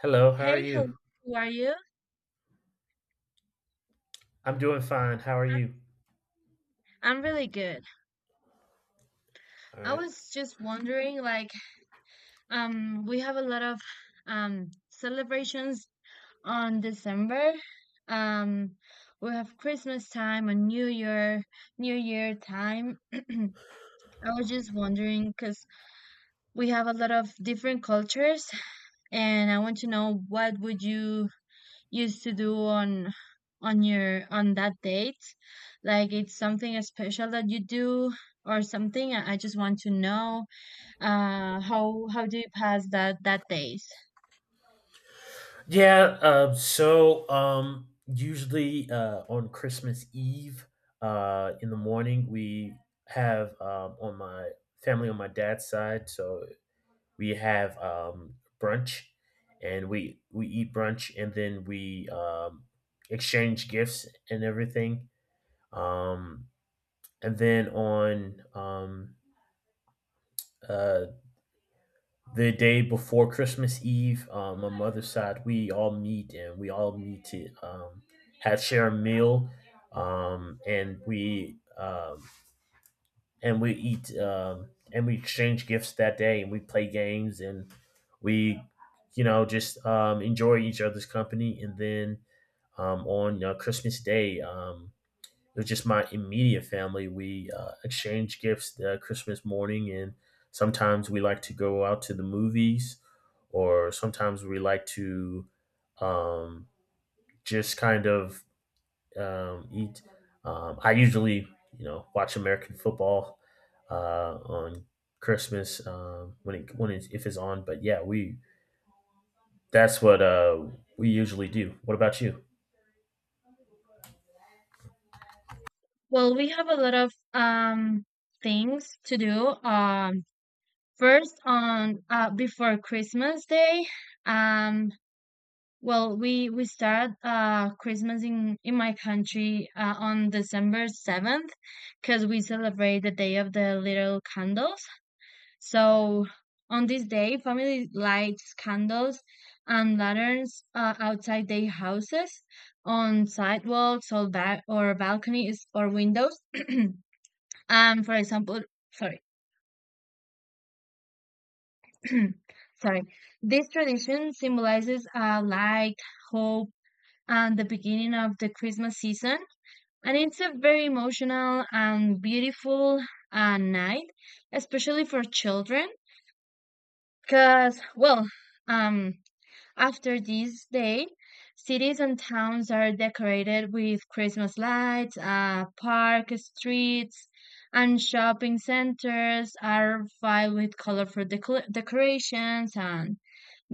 Hello, how are Hey, hello, you? how are you? I'm doing fine. How are I- you? I'm really good. I was just wondering, we have a lot of celebrations on December. Um, we have Christmas time and New Year, New Year time. I was just wondering because we have a lot of different cultures, and I want to know what would you used to do on your on that date? Like it's something special that you do or something. I just want to know how do you pass that days? Yeah, so usually on Christmas Eve in the morning, we have on my family on my dad's side, so we have brunch and we eat brunch and then we exchange gifts and everything. Um, and then on uh, the day before Christmas Eve, my mother's side, we all meet and we all meet to have share a meal, um, and we um, and we eat and we exchange gifts that day, and we play games, and we just enjoy each other's company. And then on Christmas Day, with just my immediate family, we exchange gifts Christmas morning, and sometimes we like to go out to the movies, or sometimes we like to um, just kind of eat. I usually, watch American football on Christmas if it's on. But yeah, we that's what we usually do. What about you? Well, we have a lot of things to do. First on before Christmas Day, um, well, we start Christmas in my country on December 7 because we celebrate the day of the little candles. So on this day, family lights candles and lanterns outside their houses, on sidewalks or balconies or windows. And for example, sorry, sorry, this tradition symbolizes light, hope, and the beginning of the Christmas season. And it's a very emotional and beautiful night, especially for children, because um after this day, cities and towns are decorated with Christmas lights, park streets, and shopping centers are filled with colorful decorations and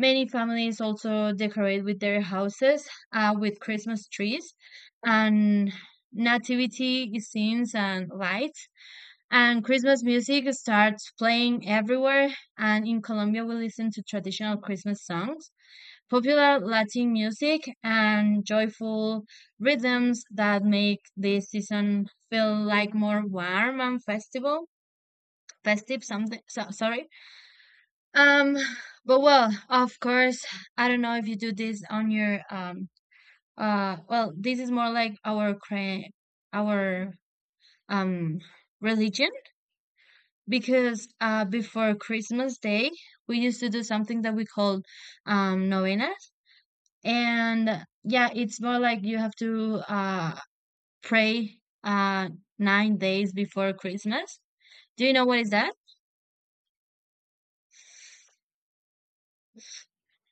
many families also decorate with their houses with Christmas trees and nativity scenes and lights. And Christmas music starts playing everywhere. And in Colombia, we listen to traditional Christmas songs, popular Latin music and joyful rhythms that make the season feel like more warm and festival festive, something. So, sorry um but well, of course, I don't know if you do this on your well, this is more like our our um religion. Because before Christmas Day we used to do something that we called novena. And yeah, it's more like you have to pray uh 9 days before Christmas. Do you know what is that?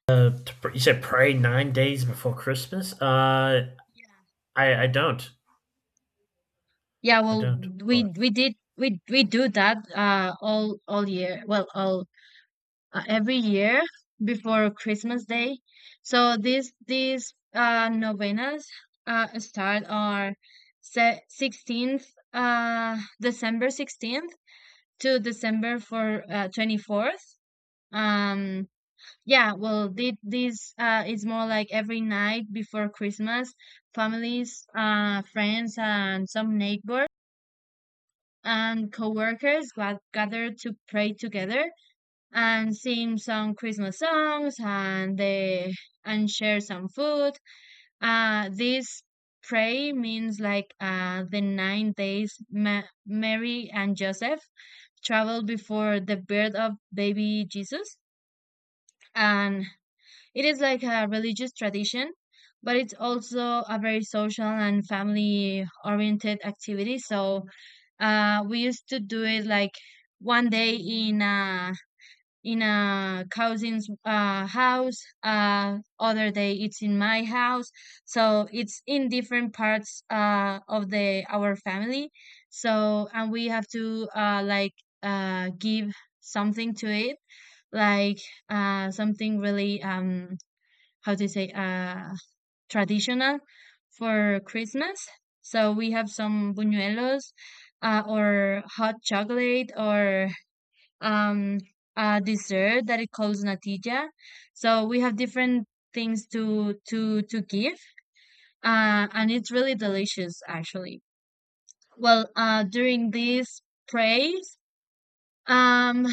You said pray 9 days before Christmas. I don't. Yeah, I well, don't. But we did we do that all year well all every year before Christmas Day. So these novenas start on 16th, December 16th, to December for 24th. um Yeah, well, this is more like every night before Christmas, families, friends, and some neighbors and coworkers got gather to pray together and sing some Christmas songs and they and share some food. This pray means like the 9 days Mary and Joseph traveled before the birth of baby Jesus. And it is like a religious tradition, but it's also a very social and family oriented activity. So we used to do it like one day in a cousin's house, other day it's in my house. So it's in different parts of the our family. So and we have to like give something to it, like something really how to say traditional for Christmas. So we have some buñuelos, or hot chocolate, or um a dessert that it calls natilla. So we have different things to give, and it's really delicious actually. Well, during these praise, um,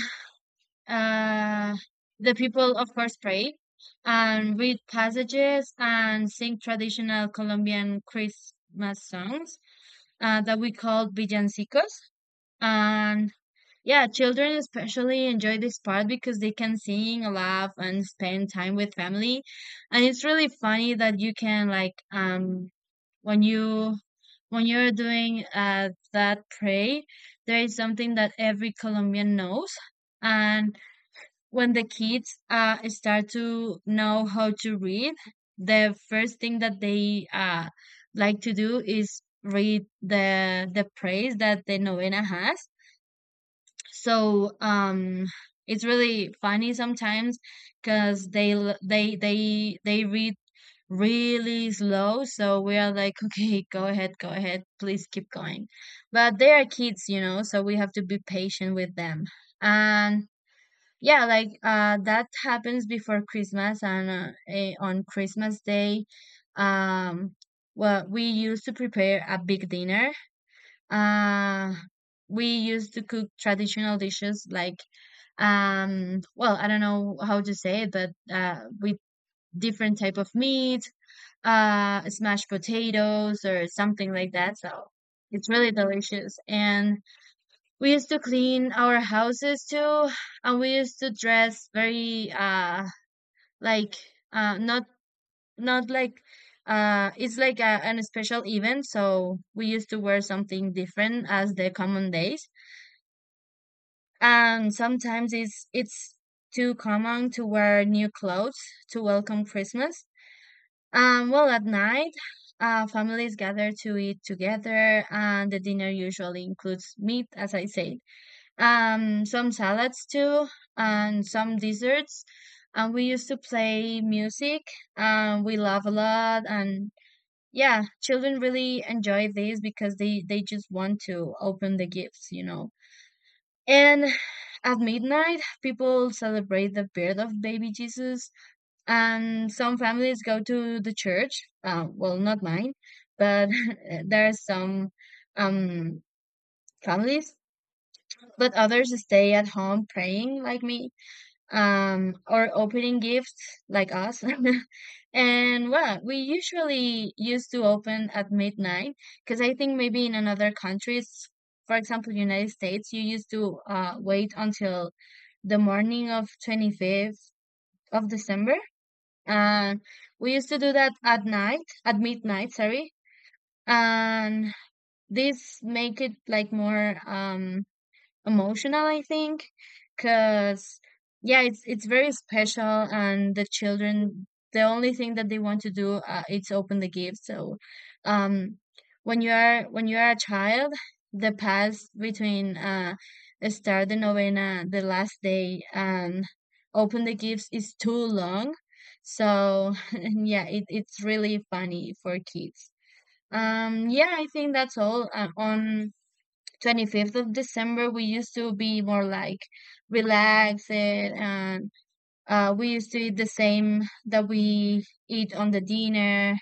Uh, the people, of course, pray and read passages and sing traditional Colombian Christmas songs that we call villancicos. And yeah, children especially enjoy this part because they can sing, laugh, and spend time with family. And it's really funny that you can like when you're doing that pray, there is something that every Colombian knows. And when the kids start to know how to read, the first thing that they like to do is read the praise that the novena has. So it's really funny sometimes because they l- they read really slow. So we are like, okay, go ahead, please keep going. But they are kids, you know, so we have to be patient with them. And yeah, like that happens before Christmas, and on Christmas Day, um, well, we used to prepare a big dinner. Uh, we used to cook traditional dishes like, well, I don't know how to say it, but with different type of meat, smashed potatoes or something like that. So it's really delicious, and we used to clean our houses too, and we used to dress very like not not like it's like an special event, so we used to wear something different as the common days. And sometimes it's too common to wear new clothes to welcome Christmas. Well, at night, families gather to eat together, and the dinner usually includes meat, as I said, some salads too, and some desserts. And we used to play music, and we laugh a lot. And yeah, children really enjoy this because they just want to open the gifts, you know. And at midnight, people celebrate the birth of baby Jesus, and some families go to the church. Well, not mine, but there are some um, families, but others stay at home praying like me, or opening gifts like us. And well, we usually used to open at midnight because I think maybe in another countries, for example, United States, you used to wait until the morning of 25th of December. And we used to do that at night, at midnight, sorry. And this make it like more emotional, I think. Because yeah, it's very special and the children, the only thing that they want to do is open the gift. So um, when you are a child, the pass between start the novena the last day and open the gifts is too long. So yeah it's really funny for kids. Yeah, I think that's all. On 25th of December, we used to be more like relaxed, and we used to eat the same that we eat on the dinner.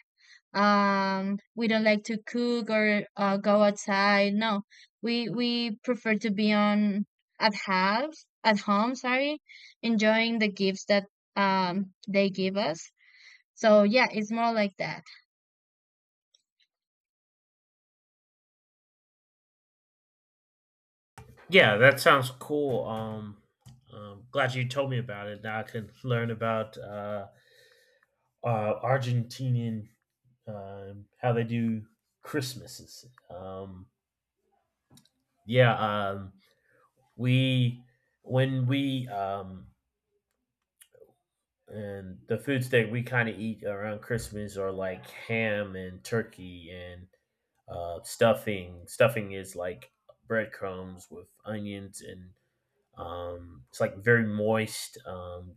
We don't like to cook or go outside. No, we prefer to be on at house, at home. Sorry, enjoying the gifts that they give us. So yeah, it's more like that. yeah, that sounds cool. Glad you told me about it. Now I can learn about Argentinian how they do Christmases. Um, yeah, we when we and the foods that we kind of eat around Christmas are like ham and turkey and stuffing. Stuffing is like breadcrumbs with onions, and it's like very moist.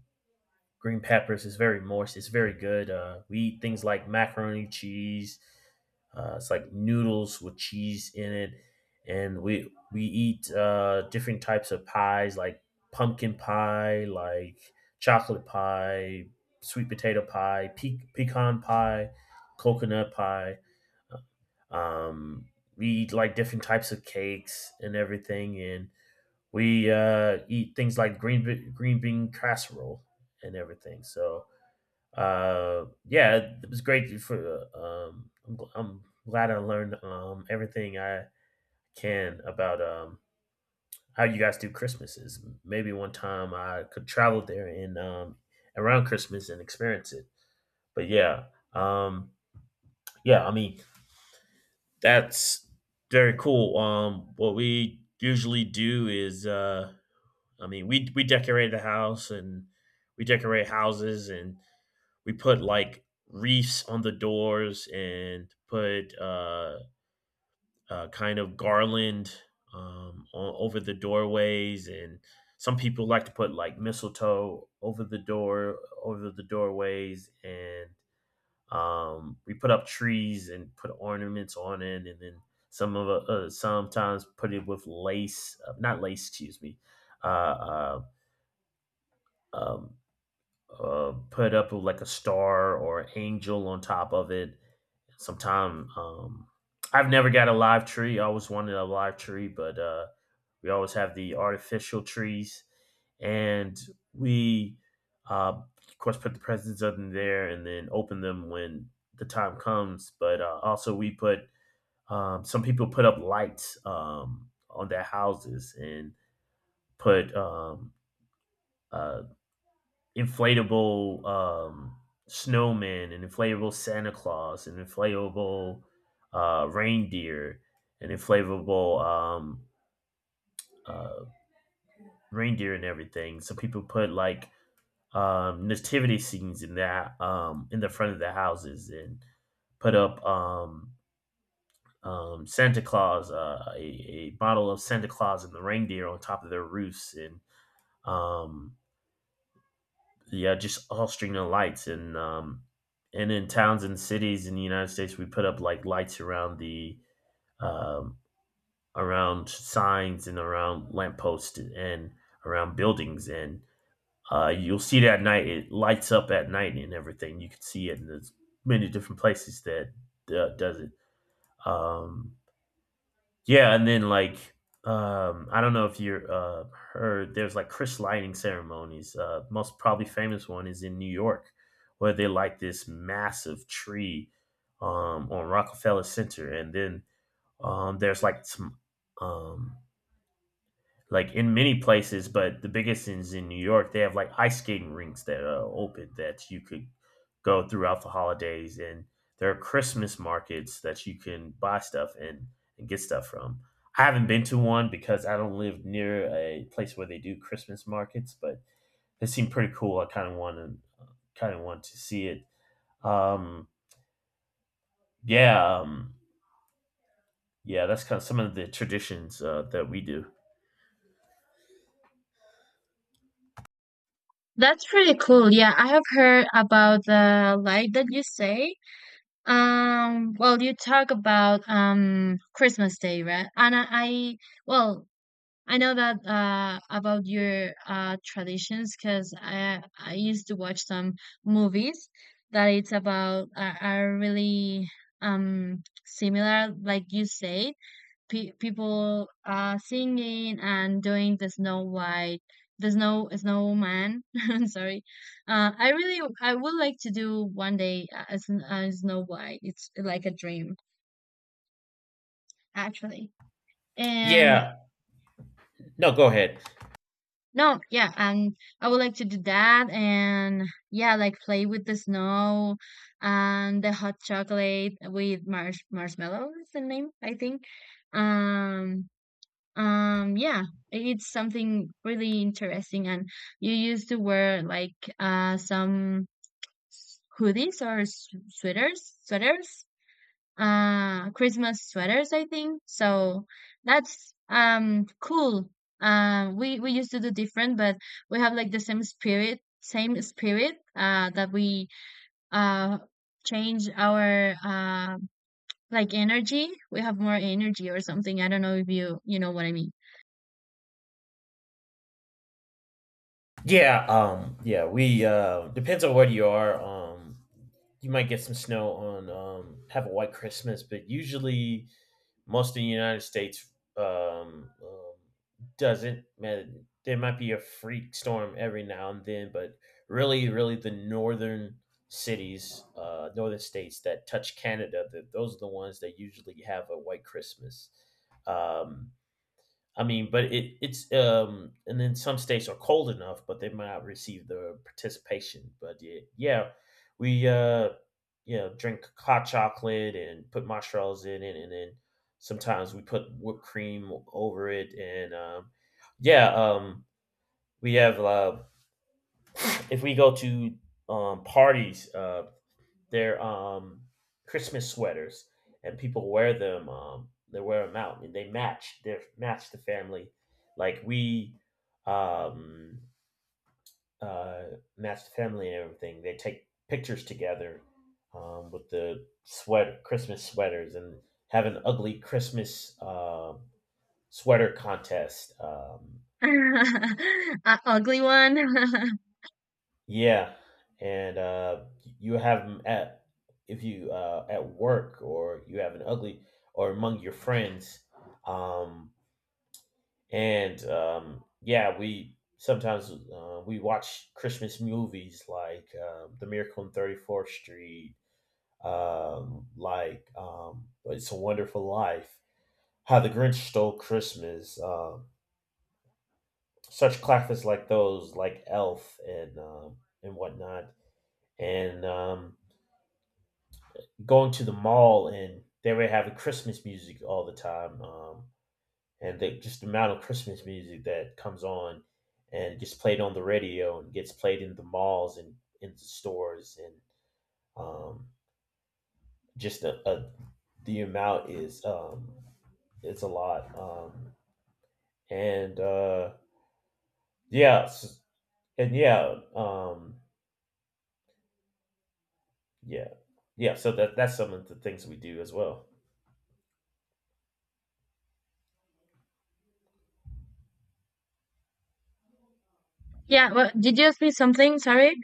Green peppers is very moist. It's very good. We eat things like macaroni cheese. It's like noodles with cheese in it, and we eat different types of pies like pumpkin pie, like chocolate pie, sweet potato pie, pecan pie, coconut pie. Um, we eat like different types of cakes and everything, and we eat things like green bean casserole and everything. So yeah, it was great. I'm glad I learned everything I can about how you guys do Christmases. Maybe one time I could travel there and around Christmas and experience it. But yeah, um, yeah, I mean that's very cool. What we usually do is. I mean, we decorated the house and we decorate houses and we put like wreaths on the doors and put kind of garland over the doorways, and some people like to put like mistletoe over the door over the doorways, and we put up trees and put ornaments on it, and then sometimes put it with lace, not lace, excuse me, uh, uh um, put up like a star or an angel on top of it. Sometime I've never got a live tree. I always wanted a live tree, but we always have the artificial trees, and we of course put the presents up in there and then open them when the time comes. But also, we put some people put up lights on their houses and put uh, inflatable snowmen, an inflatable Santa Claus, an inflatable reindeer, an inflatable uh, reindeer, and everything. So people put like nativity scenes in the front of the houses and put up Santa Claus, a bottle of Santa Claus and the reindeer on top of their roofs, and um, yeah, just all string of lights, and in towns and cities in the United States, we put up like lights around the um around signs, and around lampposts, and around buildings, and you'll see it at night, it lights up at night and everything. You can see it in there's many different places that does it. Um yeah, and then like, I don't know if you're heard, there's like Chris lighting ceremonies. Most probably famous one is in New York, where they light this massive tree on Rockefeller Center, and then there's like some um like in many places, but the biggest is in New York. They have like ice skating rinks that are open that you could go throughout the holidays, and there are Christmas markets that you can buy stuff and get stuff from. I haven't been to one because I don't live near a place where they do Christmas markets, but they seem pretty cool. I kind of want to kind of want to see it. Um, yeah, yeah, that's kind of some of the traditions that we do. That's pretty cool. Yeah, I have heard about the light that you say. Well, you talk about Christmas Day, right? And I well, I know that about your traditions because I used to watch some movies that it's about are really similar, like you said, people are singing and doing the Snow White, the snowman. I'm sorry. I would like to do one day as a Snow White. It's like a dream actually. And Yeah, no, go ahead. no, yeah, and I would like to do that and yeah, like play with the snow and the hot chocolate with marshmallow is the name, I think. Um yeah, it's something really interesting. And you used to wear like some hoodies or sweaters, Christmas sweaters, I think. So that's cool. We used to do different, but we have like the same spirit. That we uh change our like energy. We have more energy or something. I don't know if you know what I mean. Yeah, yeah, we depends on where you are. You might get some snow, on have a white Christmas, but usually most of the United States um, um doesn't. Man, there might be a freak storm every now and then, but really, really the northern states that touch Canada, that those are the ones that usually have a white Christmas. Um I mean, but it it's and then some states are cold enough, but they might not receive the participation. But yeah, yeah, we drink hot chocolate and put marshmallows in it, and then sometimes we put whipped cream over it, and yeah, we have if we go to parties, they're Christmas sweaters, and people wear them. They wear them out, and they match. They match the family. Like we um, uh, match the family and everything. They take pictures together with the sweater, Christmas sweaters, and have an ugly Christmas sweater contest. Ugly one. Yeah, and you have 'em at, if you at work, or you have an ugly, or among your friends, um, and yeah, we sometimes we watch Christmas movies like The Miracle on 34th Street, like It's a Wonderful Life, How the Grinch Stole Christmas, such classics like those, like Elf and whatnot, and going to the mall, and they were having Christmas music all the time. And just the amount of Christmas music that comes on, and gets played on the radio, and gets played in the malls, and in the stores, and um, just the amount is, it's a lot. And yeah, and yeah, yeah, yeah. So that's some of the things we do as well. Yeah, well, did you ask me something? Sorry.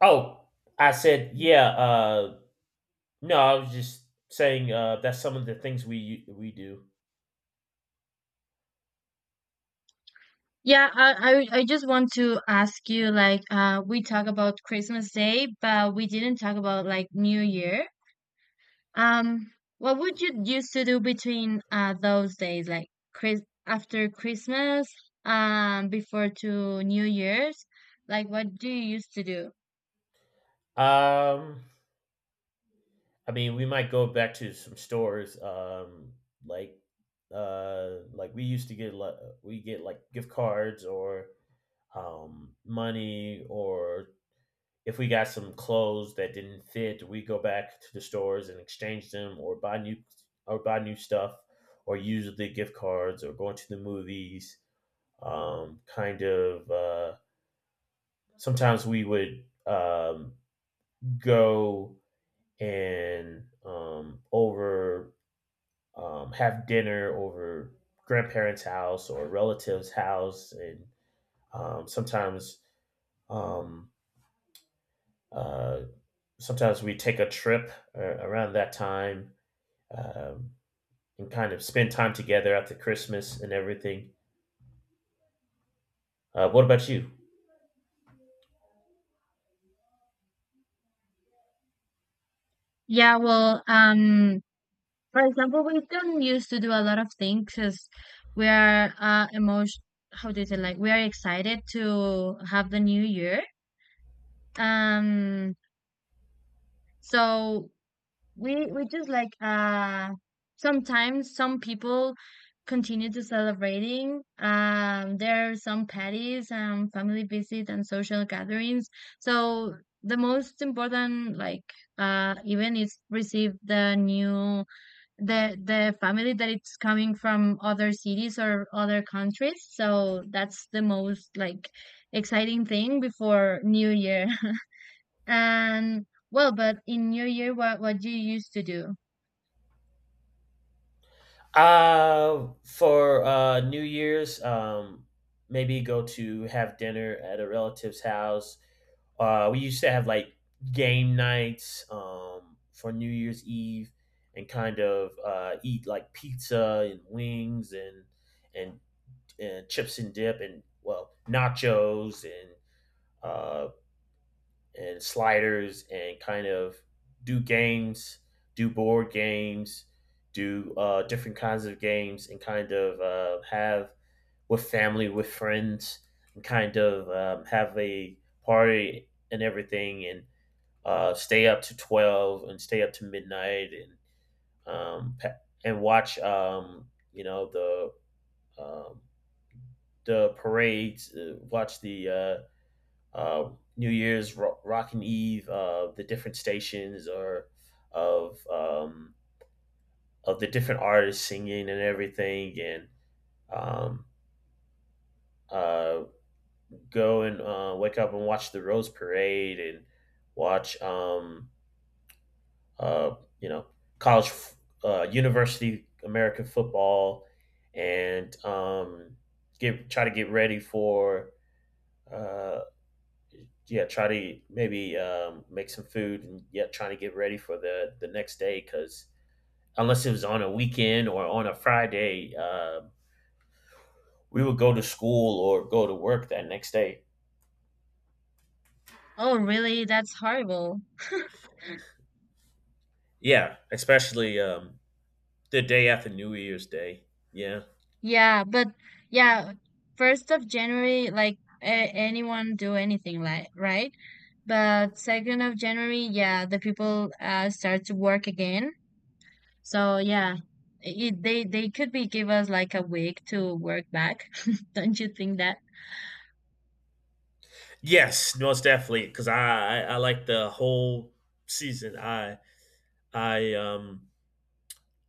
Oh, I said yeah. No, I was just saying that's some of the things we do. Yeah, I just want to ask you like we talk about Christmas Day, but we didn't talk about like New Year. Um, what would you used to do between those days, like Chris after Christmas, before to New Year's? Like what do you used to do? Um, I mean, we might go back to some stores, like like we get like gift cards, or money, or if we got some clothes that didn't fit, we go back to the stores and exchange them, or buy new stuff, or use the gift cards, or going to the movies. Kind of. Sometimes we would go and over have dinner over grandparents' house or relatives' house, and um, sometimes um, uh, sometimes we take a trip around that time, um, and kind of spend time together after Christmas and everything. What about you? Yeah, well, um, for example, we don't used to do a lot of things because we are emotion how do you say, like we are excited to have the new year. Um, so we just like sometimes some people continue to celebrating. Um, there are some parties, um, family visits and social gatherings. So the most important like event is receive the family that it's coming from other cities or other countries. So that's the most like exciting thing before new year. And well, but in new year, what you used to do? For New Year's, maybe go to have dinner at a relative's house. We used to have like game nights for New Year's Eve, and kind of eat like pizza and wings and and chips and dip, and well, nachos uh, and sliders, and kind of do games, do board games, do different kinds of games, and kind of have with family, with friends, and kind of have a party and everything, and stay up to 12 and stay up to midnight, um, and watch, the um, the parades, watch the uh, New Year's, Rockin' Eve, the different stations, or of um, of the different artists singing and everything, and um, uh, go and wake up and watch the Rose Parade, and watch uh, you know college university American football, and get try to get ready, for uh, yeah, try to maybe make some food, and yet trying to get ready for the next day, because unless it was on a weekend or on a Friday, we would go to school or go to work that next day. Oh really, that's horrible. Yeah, especially the day after New Year's Day. Yeah. Yeah, but yeah, 1st of January, like, anyone do anything, like, right. But 2nd of January, yeah, the people start to work again. So yeah, they could be give us like a week to work back. Don't you think that? Yes, most definitely. Because I like the whole season. I um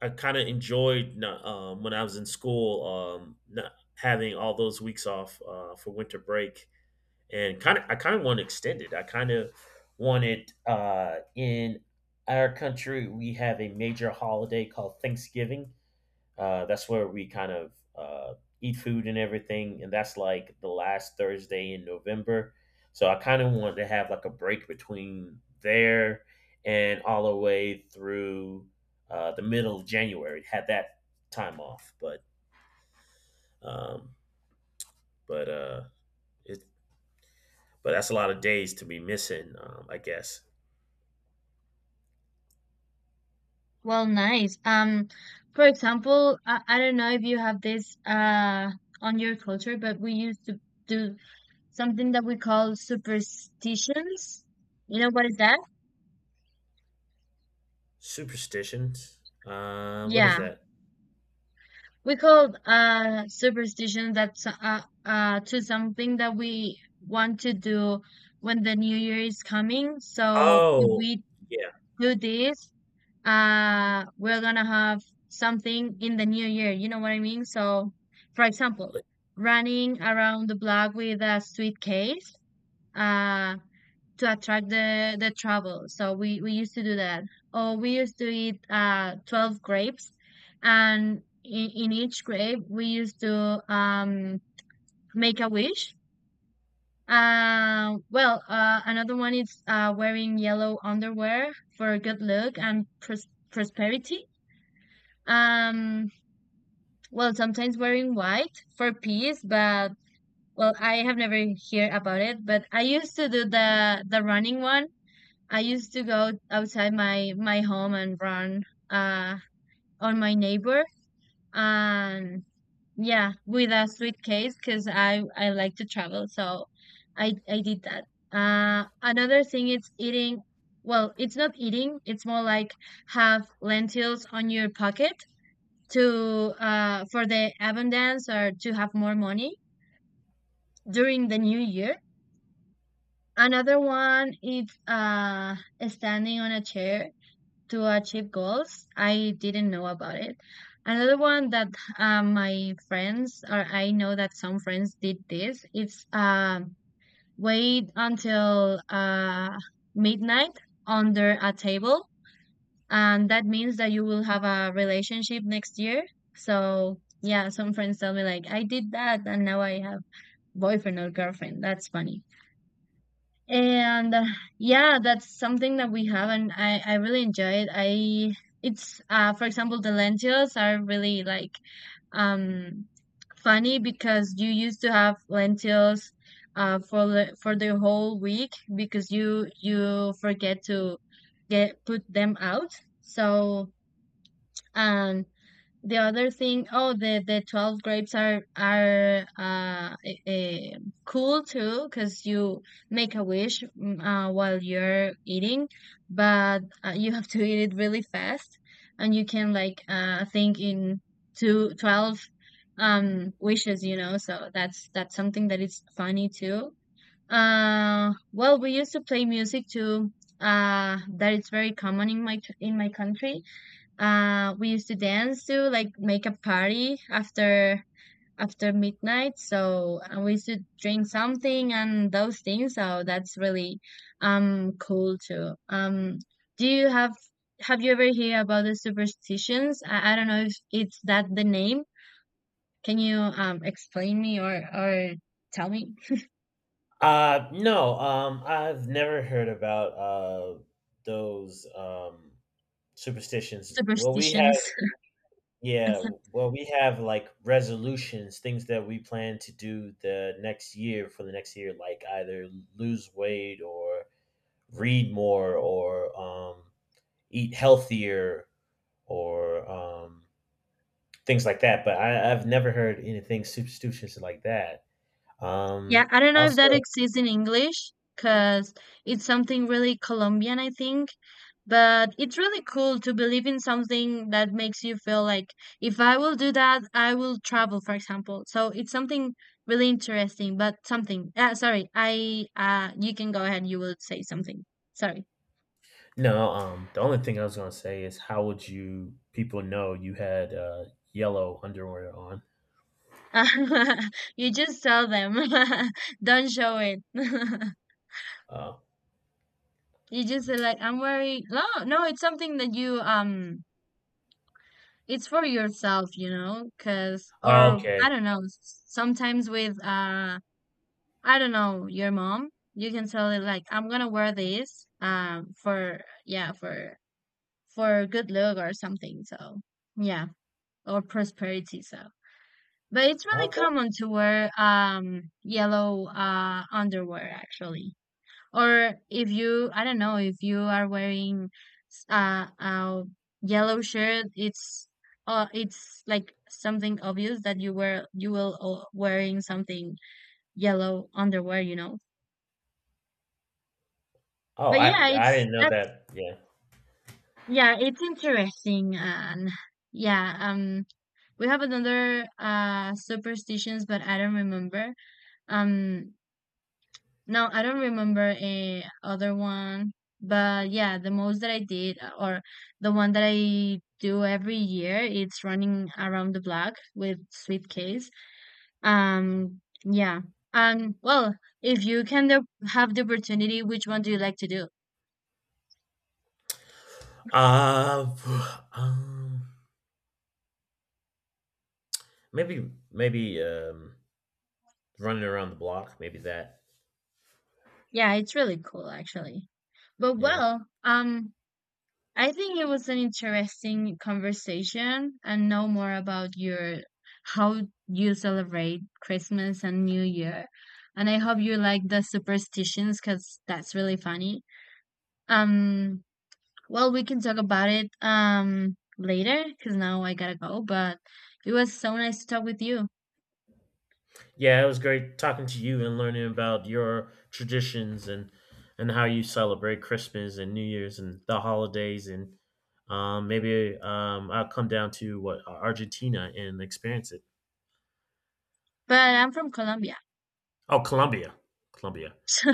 I kind of enjoyed not, when I was in school, not having all those weeks off for winter break, and kind of want to extend it. I kind of wanted In our country, we have a major holiday called Thanksgiving. That's where we kind of eat food and everything, and that's like the last Thursday in November. So I kind of wanted to have like a break between there and all the way through the middle of January. Had that time off, um, but uh, it, but that's a lot of days to be missing, I guess. Well, nice. For example, I don't know if you have this on your culture, but we used to do something that we call superstitions. You know what is that? Superstitions? What is Yeah. that? We call superstition, that's to something that we want to do when the new year is coming. So if Oh, we yeah. do this, we're gonna have something in the new year, you know what I mean. So for example, li- running around the block with a suitcase uh to attract the travel. So we used to do that. Or we used to eat 12 grapes, and in each grape we used to make a wish. Another one is wearing yellow underwear for good luck and prosperity. Um, sometimes wearing white for peace. But well, I have never heard about it. But I used to do the running one. I used to go outside my home and run uh on my neighbor. And yeah, with a suitcase, because I like to travel, so I did that. Another thing is eating, well, it's not eating, it's more like have lentils on your pocket to for the abundance, or to have more money during the new year. Another one is standing on a chair to achieve goals. I didn't know about it. Another one that my friends, or I know that some friends did this. It's wait until midnight under a table, and that means that you will have a relationship next year. So yeah, some friends tell me like, I did that, and now I have boyfriend or girlfriend. That's funny. And yeah, that's something that we have, and I really enjoy it I It's for example, the lentils are really like um funny, because you used to have lentils for for the whole week, because you forget to get put them out. So um the other thing, oh, the 12 grapes are uh cool too, because you make a wish, while you're eating. But you have to eat it really fast, and you can like think in 2 12 wishes, you know. So that's something that is funny too. We used to play music too. That is very common in my country. We used to dance to like make a party after midnight. So we used to drink something and those things. So that's really cool too. Do you have you ever hear about the superstitions? I don't know if it's that the name. Can you explain me, or tell me no, I've never heard about those superstitions. Well, superstitions? yeah, well, we have like resolutions, things that we plan to do the next year for the next year, like either lose weight, or read more, or eat healthier, or things like that. But I've never heard anything superstitious like that. Yeah, Um, I don't know if Also, that exists in English, because it's something really Colombian, I think. But it's really cool to believe in something that makes you feel like, if I will do that, I will travel, for example. So it's something really interesting, but something. Sorry, I you can go ahead, you will say something. Sorry. no. The only thing I was gonna say is, how would you people know you had yellow underwear on? You just tell them. Don't show it. Uh, You just say like, I'm worried. No, no, it's something that you it's for yourself, you know. Because, Oh, or I okay, don't know, sometimes with, I don't know, your mom, you can tell it like, I'm gonna wear this, for, yeah, for good look or something. So, yeah. Or prosperity. So, but it's really okay. common to wear, yellow, underwear actually. Or if you, I don't know, if you are wearing a yellow shirt, it's like something obvious, that you wear you will o- wearing something yellow underwear, you know. Oh, But I yeah, I it's didn't know that's that. Yeah. yeah, it's interesting. And yeah, we have another superstitions, but I don't remember. Um, No, I don't remember a other one, but yeah, the most that I did, or the one that I do every year, it's running around the block with suitcase. Yeah. Well, if you can the, have the opportunity, which one do you like to do? Uh, um, maybe running around the block. Maybe that. Yeah, it's really cool actually. But Yeah. well, I think it was an interesting conversation, and know more about your how you celebrate Christmas and New Year. And I hope you like the superstitions, because that's really funny. Um, well, we can talk about it later, because now I gotta go. But it was so nice to talk with you. Yeah, it was great talking to you and learning about your traditions, and how you celebrate Christmas and New Year's and the holidays, and maybe I'll come down to what Argentina and experience it. But I'm from Colombia. Oh, Colombia, Colombia. So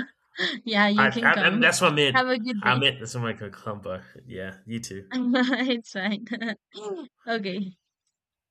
yeah, you can I come. That's what I meant. Have a good I day. meant, that's what I meant. Colombia. Yeah, you too. It's fine. Okay.